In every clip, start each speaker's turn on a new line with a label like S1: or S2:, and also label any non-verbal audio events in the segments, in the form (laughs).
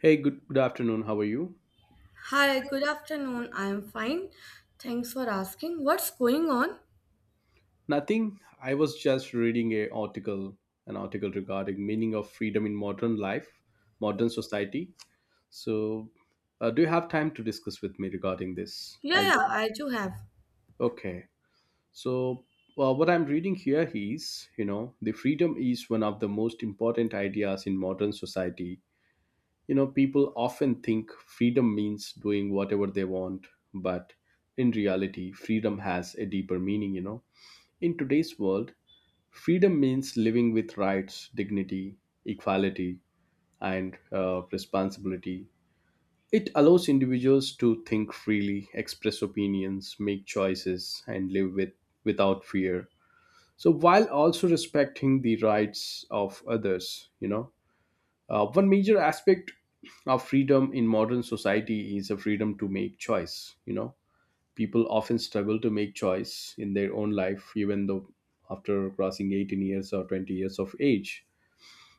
S1: Hey, good, good afternoon. How are you?
S2: Hi, good afternoon. I'm fine. Thanks for asking. What's going on?
S1: Nothing. I was just reading an article regarding meaning of freedom in modern life, modern society. So, do you have time to discuss with me regarding this?
S2: Yeah,
S1: I
S2: yeah, I do have.
S1: Okay. So, well, what I'm reading here is, the freedom is one of the most important ideas in modern society. You know, people often think freedom means doing whatever they want, but in reality, freedom has a deeper meaning. In today's world, freedom means living with rights, dignity, equality, and responsibility. It allows individuals to think freely, express opinions, make choices, and live with, without fear. So, while also respecting the rights of others, one major aspect of freedom in modern society is a freedom to make choice, people often struggle to make choice in their own life even though after crossing 18 years or 20 years of age,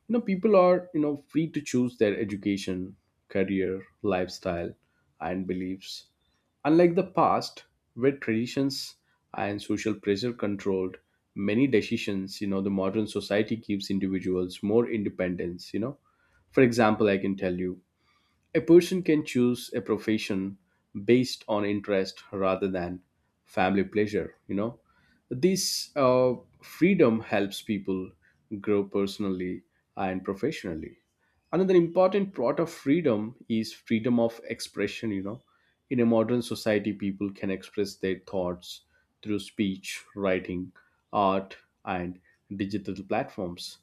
S1: people are free to choose their education, career, lifestyle, and beliefs, unlike the past where traditions and social pressure controlled many decisions. The modern society gives individuals more independence. For example, I can tell you a person can choose a profession based on interest rather than family pleasure, This freedom helps people grow personally and professionally. Another important part of freedom is freedom of expression, In a modern society, people can express their thoughts through speech, writing, art, and digital platforms.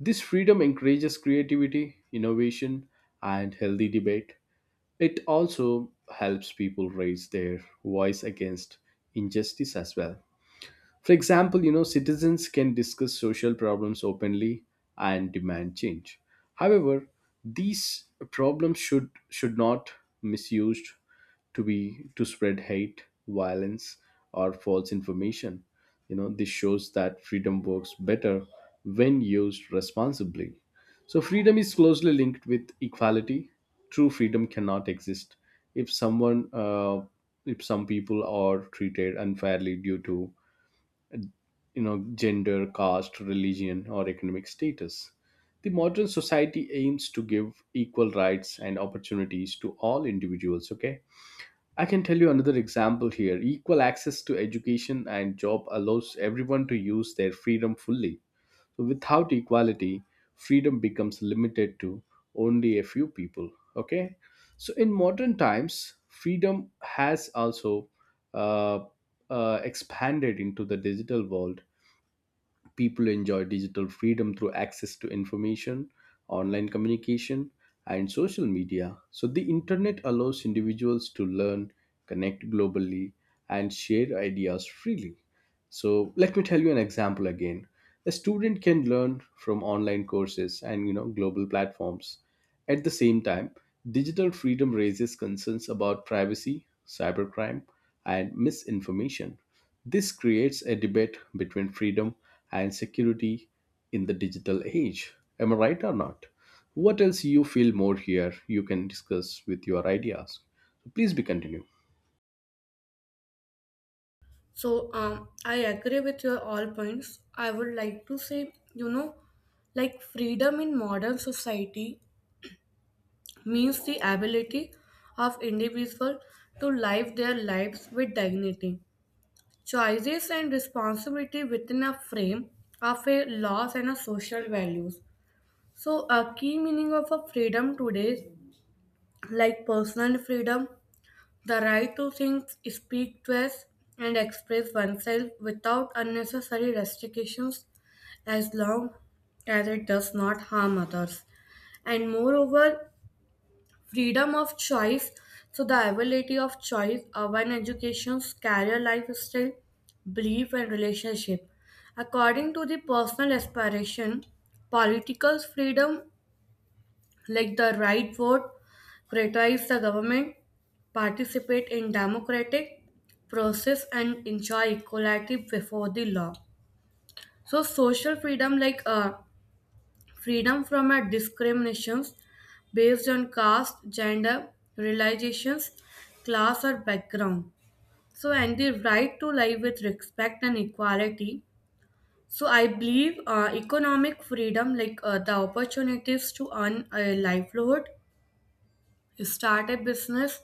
S1: This freedom encourages creativity, innovation, and healthy debate. It also helps people raise their voice against injustice as well. For example, citizens can discuss social problems openly and demand change. However, these problems should not misused to be to spread hate, violence, or false information. This shows that freedom works better when used responsibly. So freedom is closely linked with equality. True freedom cannot exist if someone if some people are treated unfairly due to gender, caste, religion, or economic status. The modern society aims to give equal rights and opportunities to all individuals. Okay, I can tell you another example here: equal access to education and job allows everyone to use their freedom fully. So without equality, freedom becomes limited to only a few people. Okay, so in modern times freedom has also uh, expanded into the digital world. People enjoy digital freedom through access to information, online communication, and social media. So, the internet allows individuals to learn, connect globally, and share ideas freely. So, let me tell you an example again. A student can learn from online courses and global platforms. At the same time, digital freedom raises concerns about privacy, cybercrime, and misinformation. This creates a debate between freedom and security in the digital age. Am I right or not? What else you feel more here you can discuss with your ideas? Please be continue.
S2: I agree with your all points. I would like to say, you know, like freedom in modern society means the ability of individual to live their lives with dignity, choices and responsibility within a frame of a laws and a social values. So, a key meaning of a freedom today like personal freedom, the right to think, speak, dress, and express oneself without unnecessary restrictions as long as it does not harm others. And moreover, freedom of choice, so the ability of choice, of an education's career lifestyle, belief, and relationship. According to the personal aspiration, political freedom like the right vote, criticize the government, participate in democratic process and enjoy equality before the law. So social freedom like freedom from discriminations based on caste, gender, realizations, class or background. So and the right to live with respect and equality. So I believe economic freedom like the opportunities to earn a livelihood start a business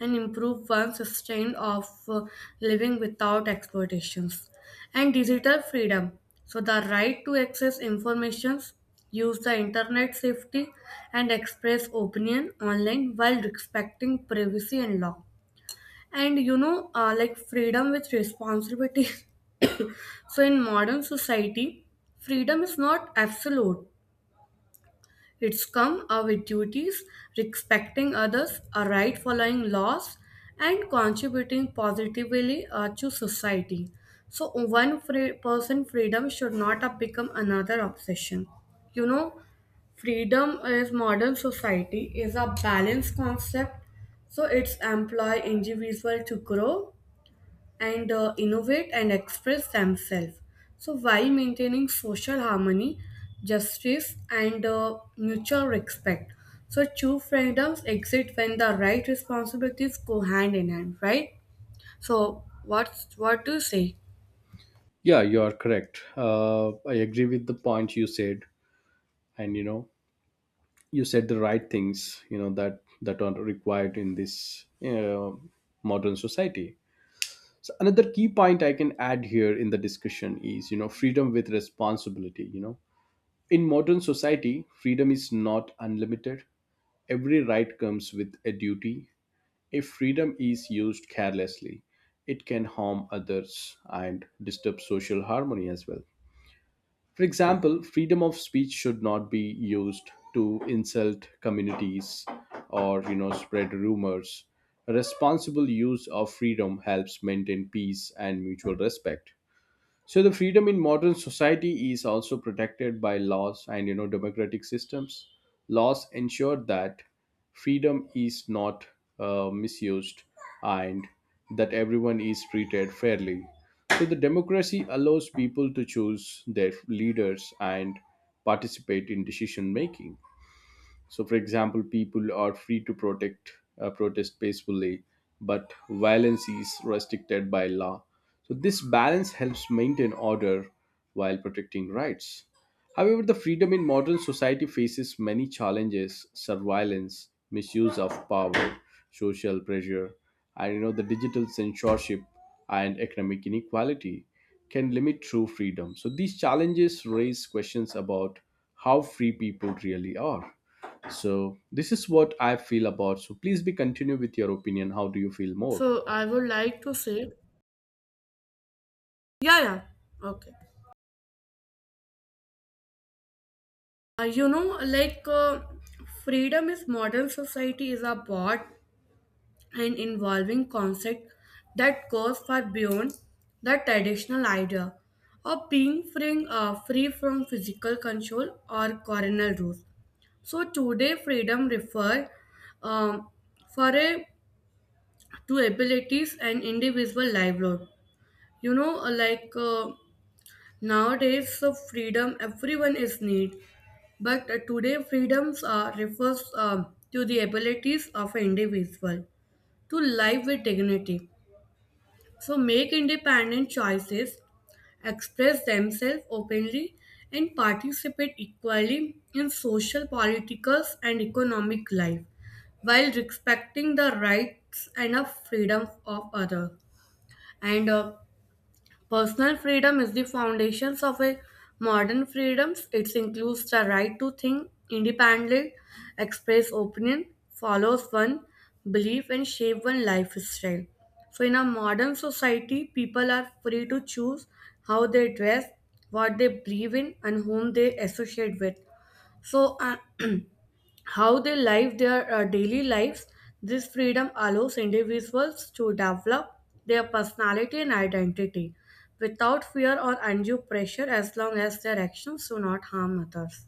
S2: and improve one's standard of living without exploitations and digital freedom so the right to access information use the internet safely, and express opinion online while respecting privacy and law and you know like freedom with responsibility (laughs) so in modern society freedom is not absolute, it's come with duties, respecting others, a right following laws, and contributing positively to society. So, one free person freedom should not have become another obsession. You know, freedom is modern society is a balanced concept, so it's employ individual to grow and innovate and express themselves. So, while maintaining social harmony, justice, and mutual respect. So, true freedoms exist when the right responsibilities go hand in hand, right? So, what do you say?
S1: Yeah, you are correct. I agree with the point you said, and you said the right things. You know that are required in this, modern society. So another key point I can add here in the discussion is, freedom with responsibility. In modern society freedom is not unlimited. Every right comes with a duty. If freedom is used carelessly, it can harm others and disturb social harmony as well. For example, freedom of speech should not be used to insult communities or spread rumors. A responsible use of freedom helps maintain peace and mutual respect. So the freedom in modern society is also protected by laws and democratic systems. Laws ensure that freedom is not misused and that everyone is treated fairly. So the democracy allows people to choose their leaders and participate in decision making. So, for example, people are free to protect protest peacefully, but violence is restricted by law. So, this balance helps maintain order while protecting rights. However, the freedom in modern society faces many challenges: surveillance, misuse of power, social pressure, and the digital censorship and economic inequality can limit true freedom. So, these challenges raise questions about how free people really are. So this is what I feel about. So please be continue with your opinion. How do you feel more?
S2: So, I would like to say, yeah, yeah, okay. You know, like freedom is modern society is a broad and involving concepts that goes far beyond the traditional idea of being free, free from physical control or coronal rules. So today, freedom refers um, for a, to abilities and individual livelihood. You know, like nowadays, so freedom everyone is need, but today freedoms refers to the abilities of an individual to live with dignity. So make independent choices, express themselves openly, and participate equally in social, political, and economic life while respecting the rights and the freedom of others. And personal freedom is the foundations of a modern freedoms. It includes the right to think independently, express opinion, follows one belief and shape one lifestyle. So in a modern society, people are free to choose how they dress, what they believe in and whom they associate with. So how they live their daily lives. This freedom allows individuals to develop their personality and identity without fear or undue pressure as long as their actions do not harm others.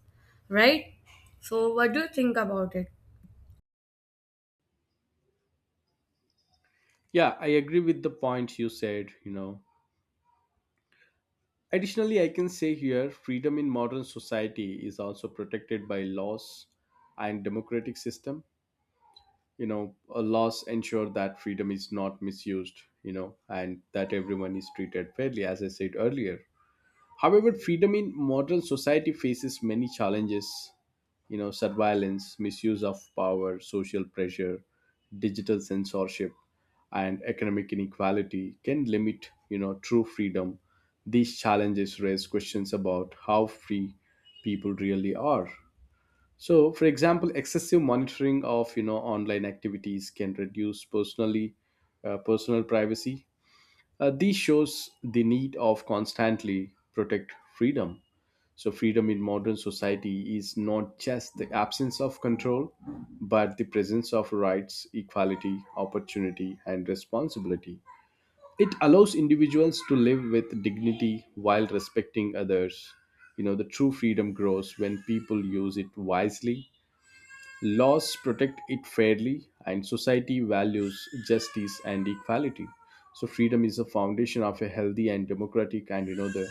S2: Right? So, what do you think about it?
S1: Yeah, I agree with the point you said, Additionally, I can say here freedom in modern society is also protected by laws and democratic system. Laws ensure that freedom is not misused, and that everyone is treated fairly as I said earlier. However, freedom in modern society faces many challenges, surveillance, misuse of power, social pressure, digital censorship, and economic inequality can limit, true freedom. These challenges raise questions about how free people really are. So, for example, excessive monitoring of online activities can reduce personal privacy. This shows the need of constantly protect freedom. So, freedom in modern society is not just the absence of control, but the presence of rights, equality, opportunity, and responsibility. It allows individuals to live with dignity while respecting others. The true freedom grows when people use it wisely. Laws protect it fairly, and society values justice and equality. So, freedom is the foundation of a healthy and democratic, and the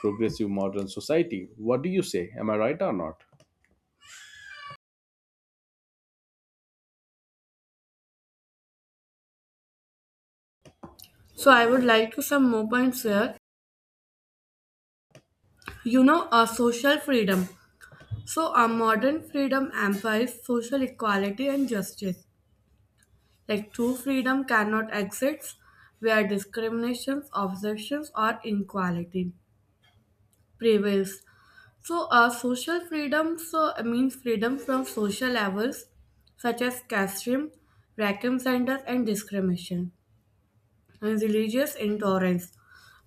S1: progressive modern society. What do you say? Am I right or not?
S2: So, I would like to some more points here. You know, a social freedom. So, a modern freedom empowers social equality and justice. Like true freedom cannot exist where discriminations, obsessions, or inequality prevails. So, social freedom so, means freedom from social levels such as casteism, vacuum centers, and discrimination, and religious intolerance.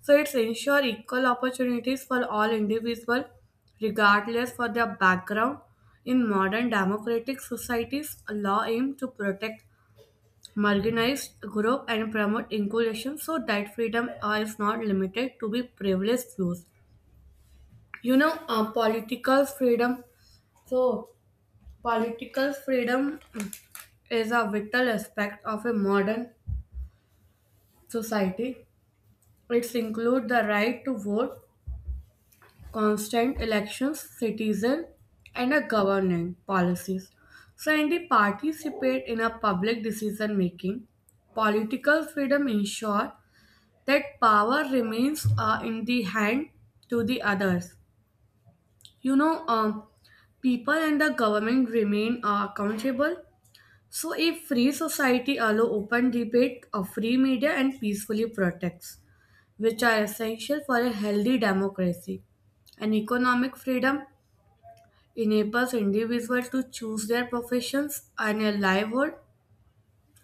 S2: So, it's ensure equal opportunities for all individuals, regardless for their background. In modern democratic societies, law aims to protect marginalized group and promote inclusion so that freedom is not limited to be privileged views. You know, political freedom. So, political freedom is a vital aspect of a modern society. It includes the right to vote, constant elections, citizen, and a governing policies. So, and they participate in a public decision making. Political freedom ensure that power remains in the hand to the others. You know, people and the government remain accountable. So, a free society allow open debate, a free media, and peacefully protects, which are essential for a healthy democracy. And economic freedom enables individuals to choose their professions and a livelihood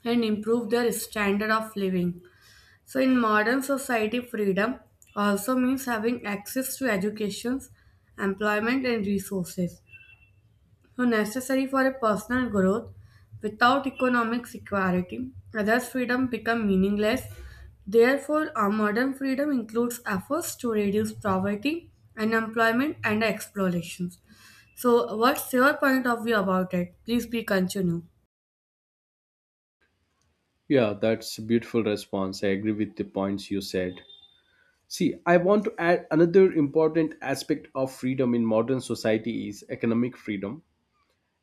S2: and improve their standard of living. So, in modern society, freedom also means having access to education, employment, and resources. So, necessary for a personal growth. Without economic security, others' freedom become meaningless. Therefore, our modern freedom includes efforts to reduce poverty, unemployment, and explorations. So, what's your point of view about it? Please be continue.
S1: Yeah, that's a beautiful response. I agree with the points you said. See, I want to add another important aspect of freedom in modern society is economic freedom.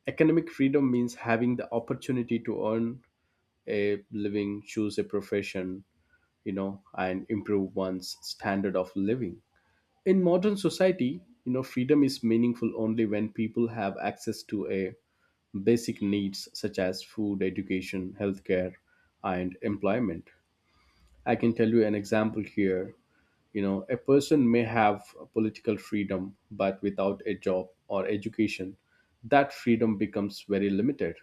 S1: Economic freedom means having the opportunity to earn a living, choose a profession, and improve one's standard of living. In modern society, freedom is meaningful only when people have access to a basic needs such as food, education, healthcare, and employment. I can tell you an example here: a person may have political freedom, but without a job or education, that freedom becomes very limited.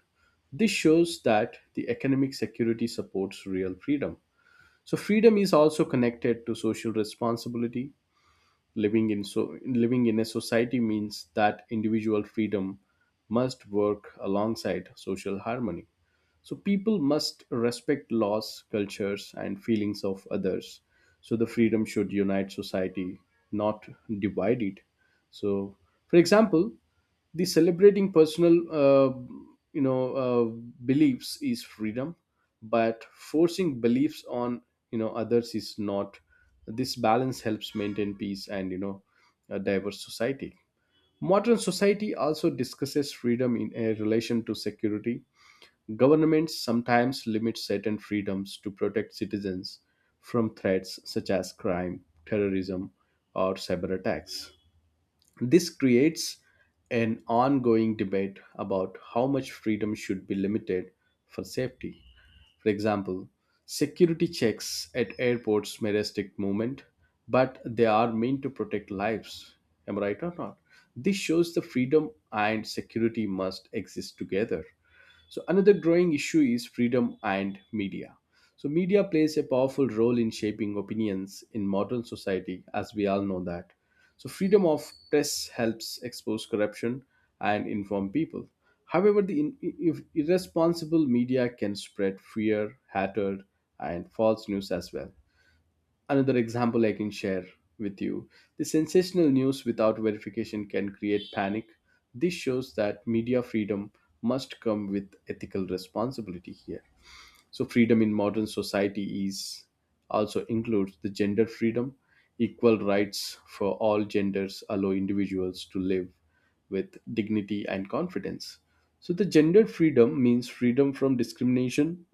S1: This shows that the economic security supports real freedom. So freedom is also connected to social responsibility. Living in so living in a society means that individual freedom must work alongside social harmony. So people must respect laws, cultures, and feelings of others. So the freedom should unite society, not divide it. So, for example, the celebrating personal you know uh, beliefs is freedom, but forcing beliefs on others is not. This balance helps maintain peace and a diverse society. Modern society also discusses freedom in a relation to security. Governments sometimes limit certain freedoms to protect citizens from threats such as crime, terrorism, or cyber attacks. This creates an ongoing debate about how much freedom should be limited for safety. For example, security checks at airports may restrict movement, but they are meant to protect lives. Am I right or not? This shows the freedom and security must exist together. So another growing issue is freedom and media. So media plays a powerful role in shaping opinions in modern society, as we all know that. So freedom of press helps expose corruption and inform people. However, the if irresponsible media can spread fear, hatred, and false news as well. Another example I can share with you: the sensational news without verification can create panic. This shows that media freedom must come with ethical responsibility here. So, freedom in modern society is also includes the gender freedom. Equal rights for all genders allow individuals to live with dignity and confidence. So, the gender freedom means freedom from discrimination,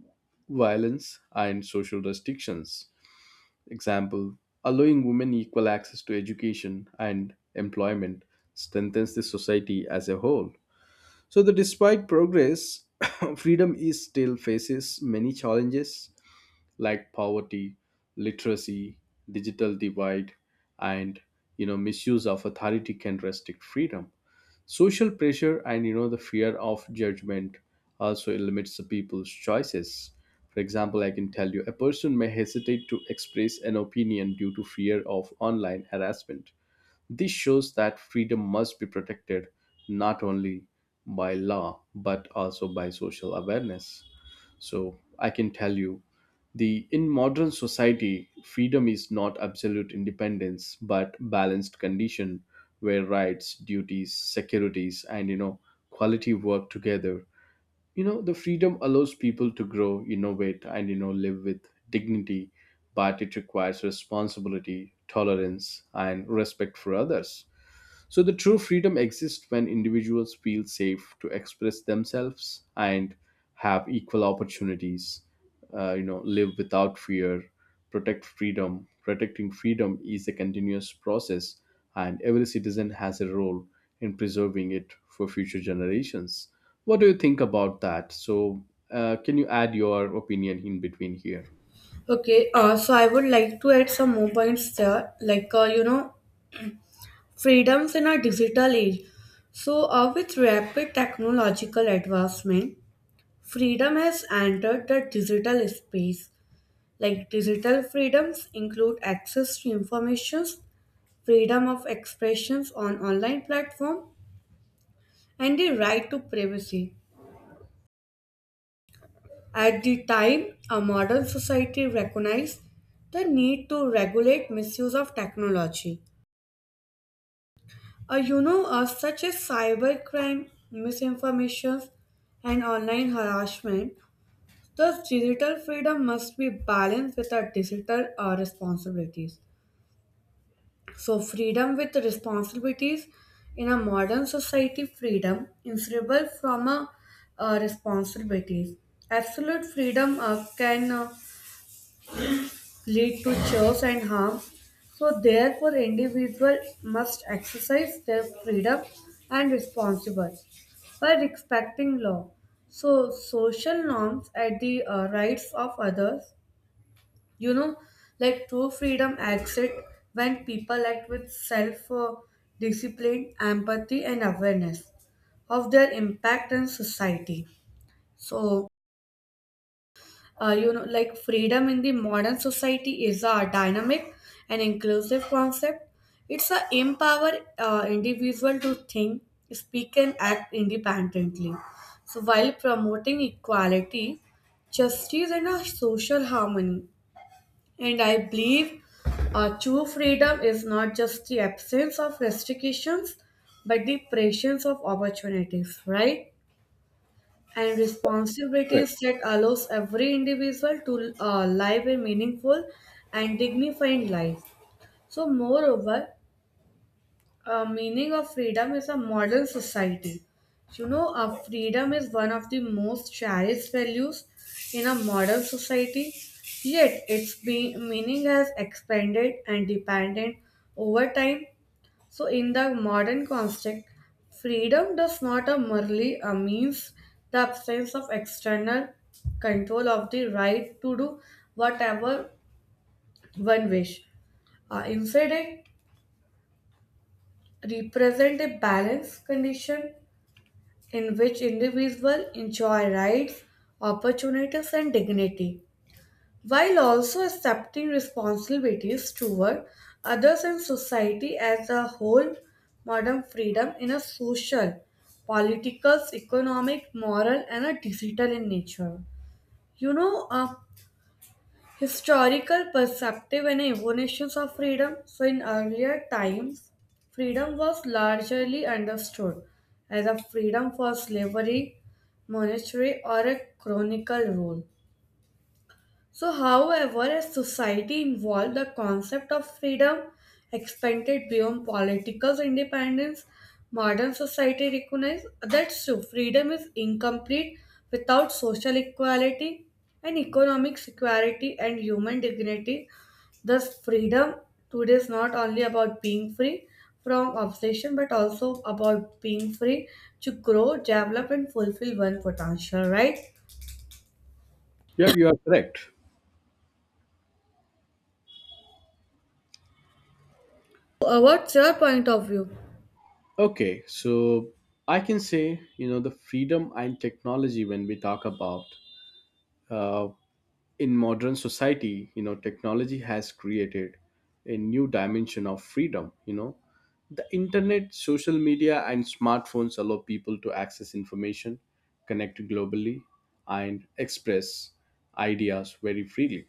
S1: violence, and social restrictions. Example, allowing women equal access to education and employment strengthens the society as a whole. So that despite progress, (laughs) freedom is still faces many challenges like poverty, literacy, digital divide, and misuse of authority can restrict freedom. Social pressure and the fear of judgment also limits the people's choices. For example, I can tell you a person may hesitate to express an opinion due to fear of online harassment. This shows that freedom must be protected not only by law but also by social awareness. So I can tell you the in modern society freedom is not absolute independence but balanced condition where rights, duties, securities, and quality work together. The freedom allows people to grow, innovate, and live with dignity, but it requires responsibility, tolerance, and respect for others. So, the true freedom exists when individuals feel safe to express themselves and have equal opportunities. Live without fear, Protecting freedom is a continuous process, and every citizen has a role in preserving it for future generations. What do you think about that? So, can you add your opinion in between here?
S2: Okay, so I would like to add some more points there. Like, you know, freedoms in a digital age. So, with rapid technological advancement, freedom has entered the digital space. Like digital freedoms include access to information, freedom of expressions on online platform, and the right to privacy. At the time, a modern society recognized the need to regulate misuse of technology. You know, such as cybercrime, misinformation, and online harassment, thus digital freedom must be balanced with our digital responsibilities. So, freedom with responsibilities in a modern society, freedom inseparable from a responsibilities. Absolute freedom can lead to chores and harm. So therefore individual must exercise their freedom and responsible by respecting law. So social norms and the rights of others, you know, like true freedom acts it when people act with self discipline, empathy and awareness of their impact on society. So you know, like freedom in the modern society is a dynamic and inclusive concept. It's a empower individual to think, speak, and act independently. So while promoting equality, justice, and a social harmony, and I believe true freedom is not just the absence of restrictions, but the presence of opportunities. Right? And
S1: Correct.
S2: responsibilities that allows every individual to live a meaningful and dignified life. So, moreover, a meaning of freedom is a modern society. You know, freedom is one of the most cherished values in a modern society. Yet, meaning has expanded and depended over time, so, in the modern construct, freedom does not merely means the absence of external control of the right to do whatever one wish. Instead, it represents a balanced condition in which individuals enjoy rights, opportunities, and dignity. While also accepting responsibilities toward others and society as a whole. Modern freedom in a social, political, economic, moral, and a digital in nature. You know, historical perspective and evolutions of freedom. So, in earlier times, freedom was largely understood as a freedom for slavery, monetary, or a chronicle rule. So, however, as society evolved, the concept of freedom expanded beyond political independence. Modern society recognizes that so freedom is incomplete without social equality and economic security and human dignity. Thus, freedom today is not only about being free from obsession but also about being free to grow, develop, and fulfill one potential, right?
S1: Yep, you are correct.
S2: What's your point of view?
S1: Okay, so I can say, you know, the freedom and technology when we talk about uh, in modern society, you know, technology has created a new dimension of freedom. You know, the internet, social media, and smartphones allow people to access information, connect globally, and express ideas very freely.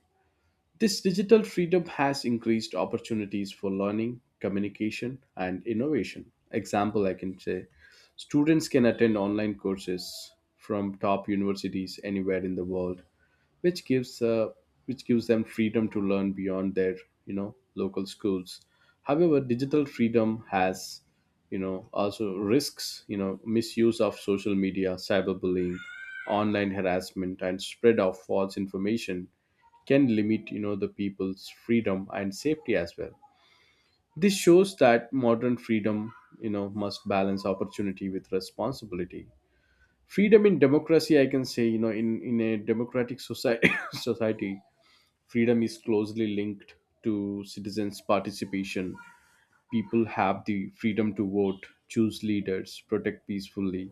S1: This digital freedom has increased opportunities for learning, communication, and innovation. Example I can say students can attend online courses from top universities anywhere in the world, which gives uh, which gives them freedom to learn beyond their, you know, local schools. However, digital freedom has, you know, also risks. You know, misuse of social media, cyberbullying, online harassment, and spread of false information can limit, you know, the people's freedom and safety as well. This shows that modern freedom, you know, must balance opportunity with responsibility. Freedom in democracy, I can say, you know, in a democratic society (laughs) (coughs) society, freedom is closely linked to citizens participation. People have the freedom to vote, choose leaders, protect peacefully,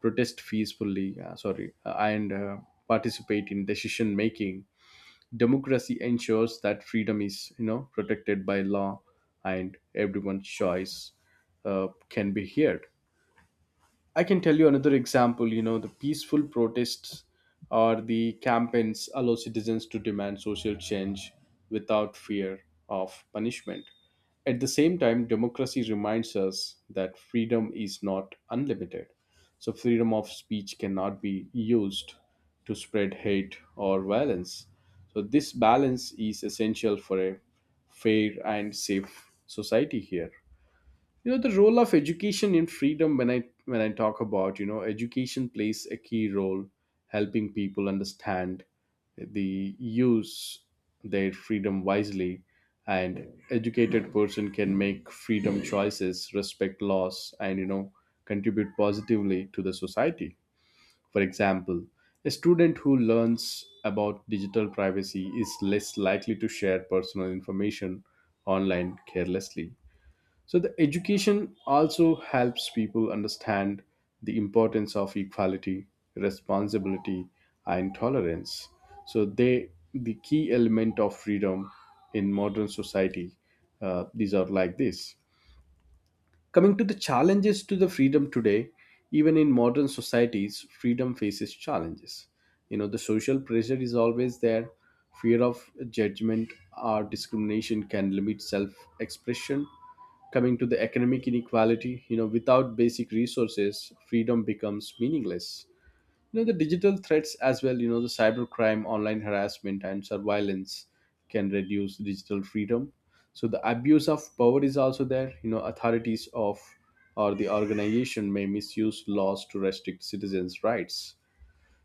S1: protest peacefully, sorry, and participate in decision making. Democracy ensures that freedom is, you know, protected by law and everyone's choice can be heard. I can tell you another example, you know, the peaceful protests or the campaigns allow citizens to demand social change without fear of punishment. At the same time, democracy reminds us that freedom is not unlimited. So, freedom of speech cannot be used to spread hate or violence. So, this balance is essential for a fair and safe society. Here, you know, the role of education in freedom, when I talk about, you know, education plays a key role helping people understand the use their freedom wisely, and educated person can make freedom choices, respect laws, and, you know, contribute positively to the society. For example, a student who learns about digital privacy is less likely to share personal information online carelessly. So, the education also helps people understand the importance of equality, responsibility, and tolerance. So, they the key element of freedom in modern society. These are like this. Coming to the challenges to the freedom today, even in modern societies, freedom faces challenges. You know, the social pressure is always there. Fear of judgment or discrimination can limit self expression. Coming to the economic inequality, you know, without basic resources, freedom becomes meaningless. You know, the digital threats as well, you know, the cybercrime, online harassment, and surveillance can reduce digital freedom. So, the abuse of power is also there. You know, authorities of or the organization may misuse laws to restrict citizens rights.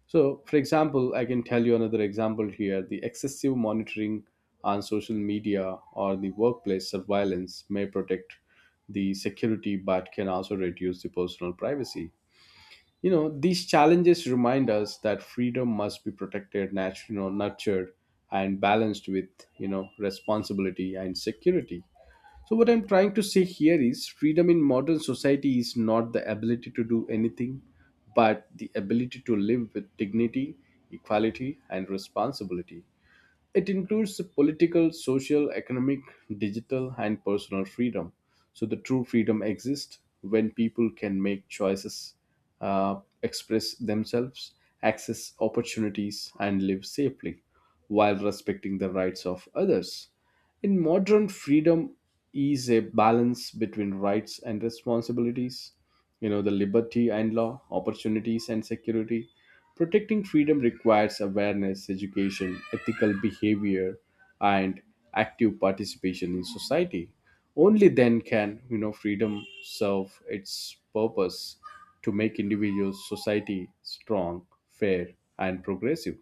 S1: So, for example, I can tell you another example here: the excessive monitoring on social media or the workplace surveillance may protect the security but can also reduce the personal privacy. You know, these challenges remind us that freedom must be protected, you know, nurtured, and balanced with, you know, responsibility and security. So, what I'm trying to say here is freedom in modern society is not the ability to do anything, but the ability to live with dignity, equality, and responsibility. It includes political, social, economic, digital, and personal freedom. So, the true freedom exists when people can make choices, express themselves, access opportunities, and live safely while respecting the rights of others. In modern freedom is a balance between rights and responsibilities, you know, the liberty and law, opportunities and security. Protecting freedom requires awareness, education, ethical behavior, and active participation in society. Only then can, you know, freedom serve its purpose to make individuals, society strong, fair, and progressive.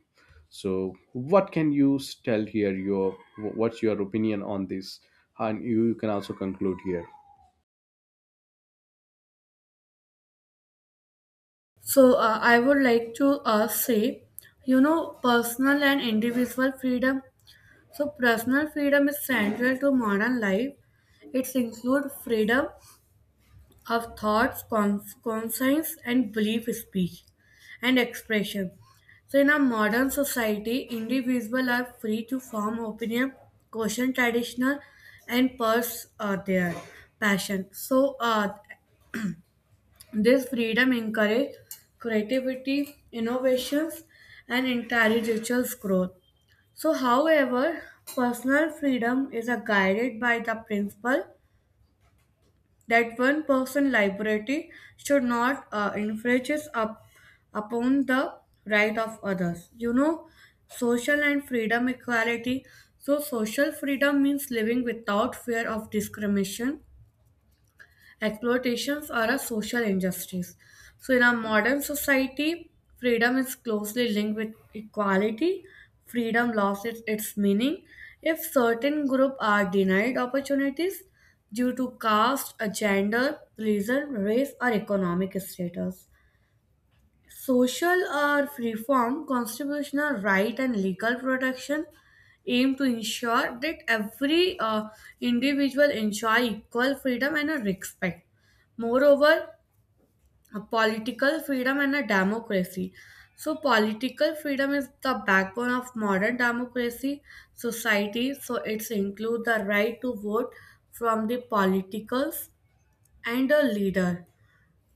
S1: So, what can you tell here, your what's your opinion on this? And you can also conclude here.
S2: So I would like to say, you know, personal and individual freedom. So personal freedom is central to modern life. It includes freedom of thoughts, conscience, and belief, speech, and expression. So in a modern society, individuals are free to form opinion, question traditional, and pursue their passion. So this freedom encourages creativity, innovations, and intellectual growth. So, however, personal freedom is guided by the principle that one person's liberty should not infringe up upon the right of others. You know, social and freedom equality. So, social freedom means living without fear of discrimination exploitations are a social injustice. So, in our modern society, freedom is closely linked with equality. Freedom loses its, its meaning if certain groups are denied opportunities due to caste, a gender, religion, race, or economic status. Social or reform, constitutional right, and legal protection aim to ensure that every individual enjoy equal freedom and a respect. Moreover, a political freedom and a democracy. So, political freedom is the backbone of modern democracy society. So, it includes the right to vote from the politicals and a leader.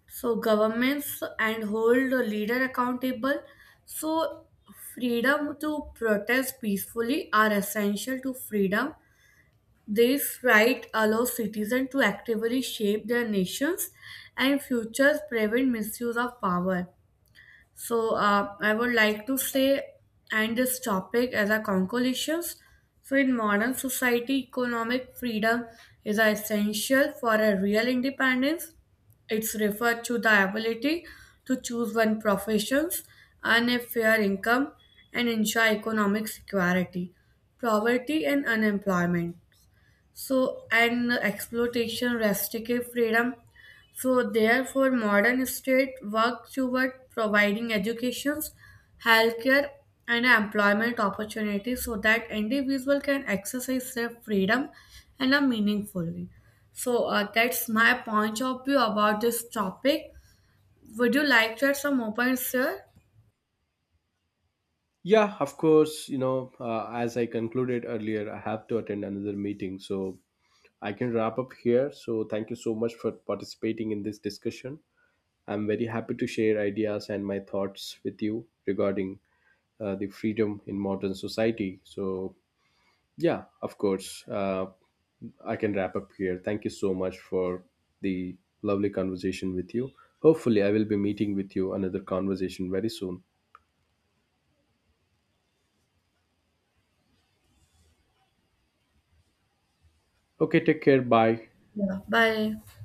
S2: So governments and hold the leader accountable. So freedom to protest peacefully are essential to freedom. This right allows citizens to actively shape their nations and futures prevent misuse of power. So I would like to say and this topic as a conclusions. So in modern society, economic freedom is essential for a real independence. It's referred to the ability to choose one professions, earn a fair income, and ensure economic security, poverty, and unemployment so and exploitation restrictive freedom so therefore modern state work toward providing educations healthcare and employment opportunities so that individual can exercise their freedom and are meaningfully. So that's my point of view about this topic. Would you like to add some more points here?
S1: Yeah, of course, you know, as I concluded earlier, I have to attend another meeting, so I can wrap up here. So, thank you so much for participating in this discussion. I'm very happy to share ideas and my thoughts with you regarding the freedom in modern society. So, yeah, of course, I can wrap up here. Thank you so much for the lovely conversation with you. Hopefully, I will be meeting with you another conversation very soon. Okay, take care. Bye.
S2: Yeah, bye.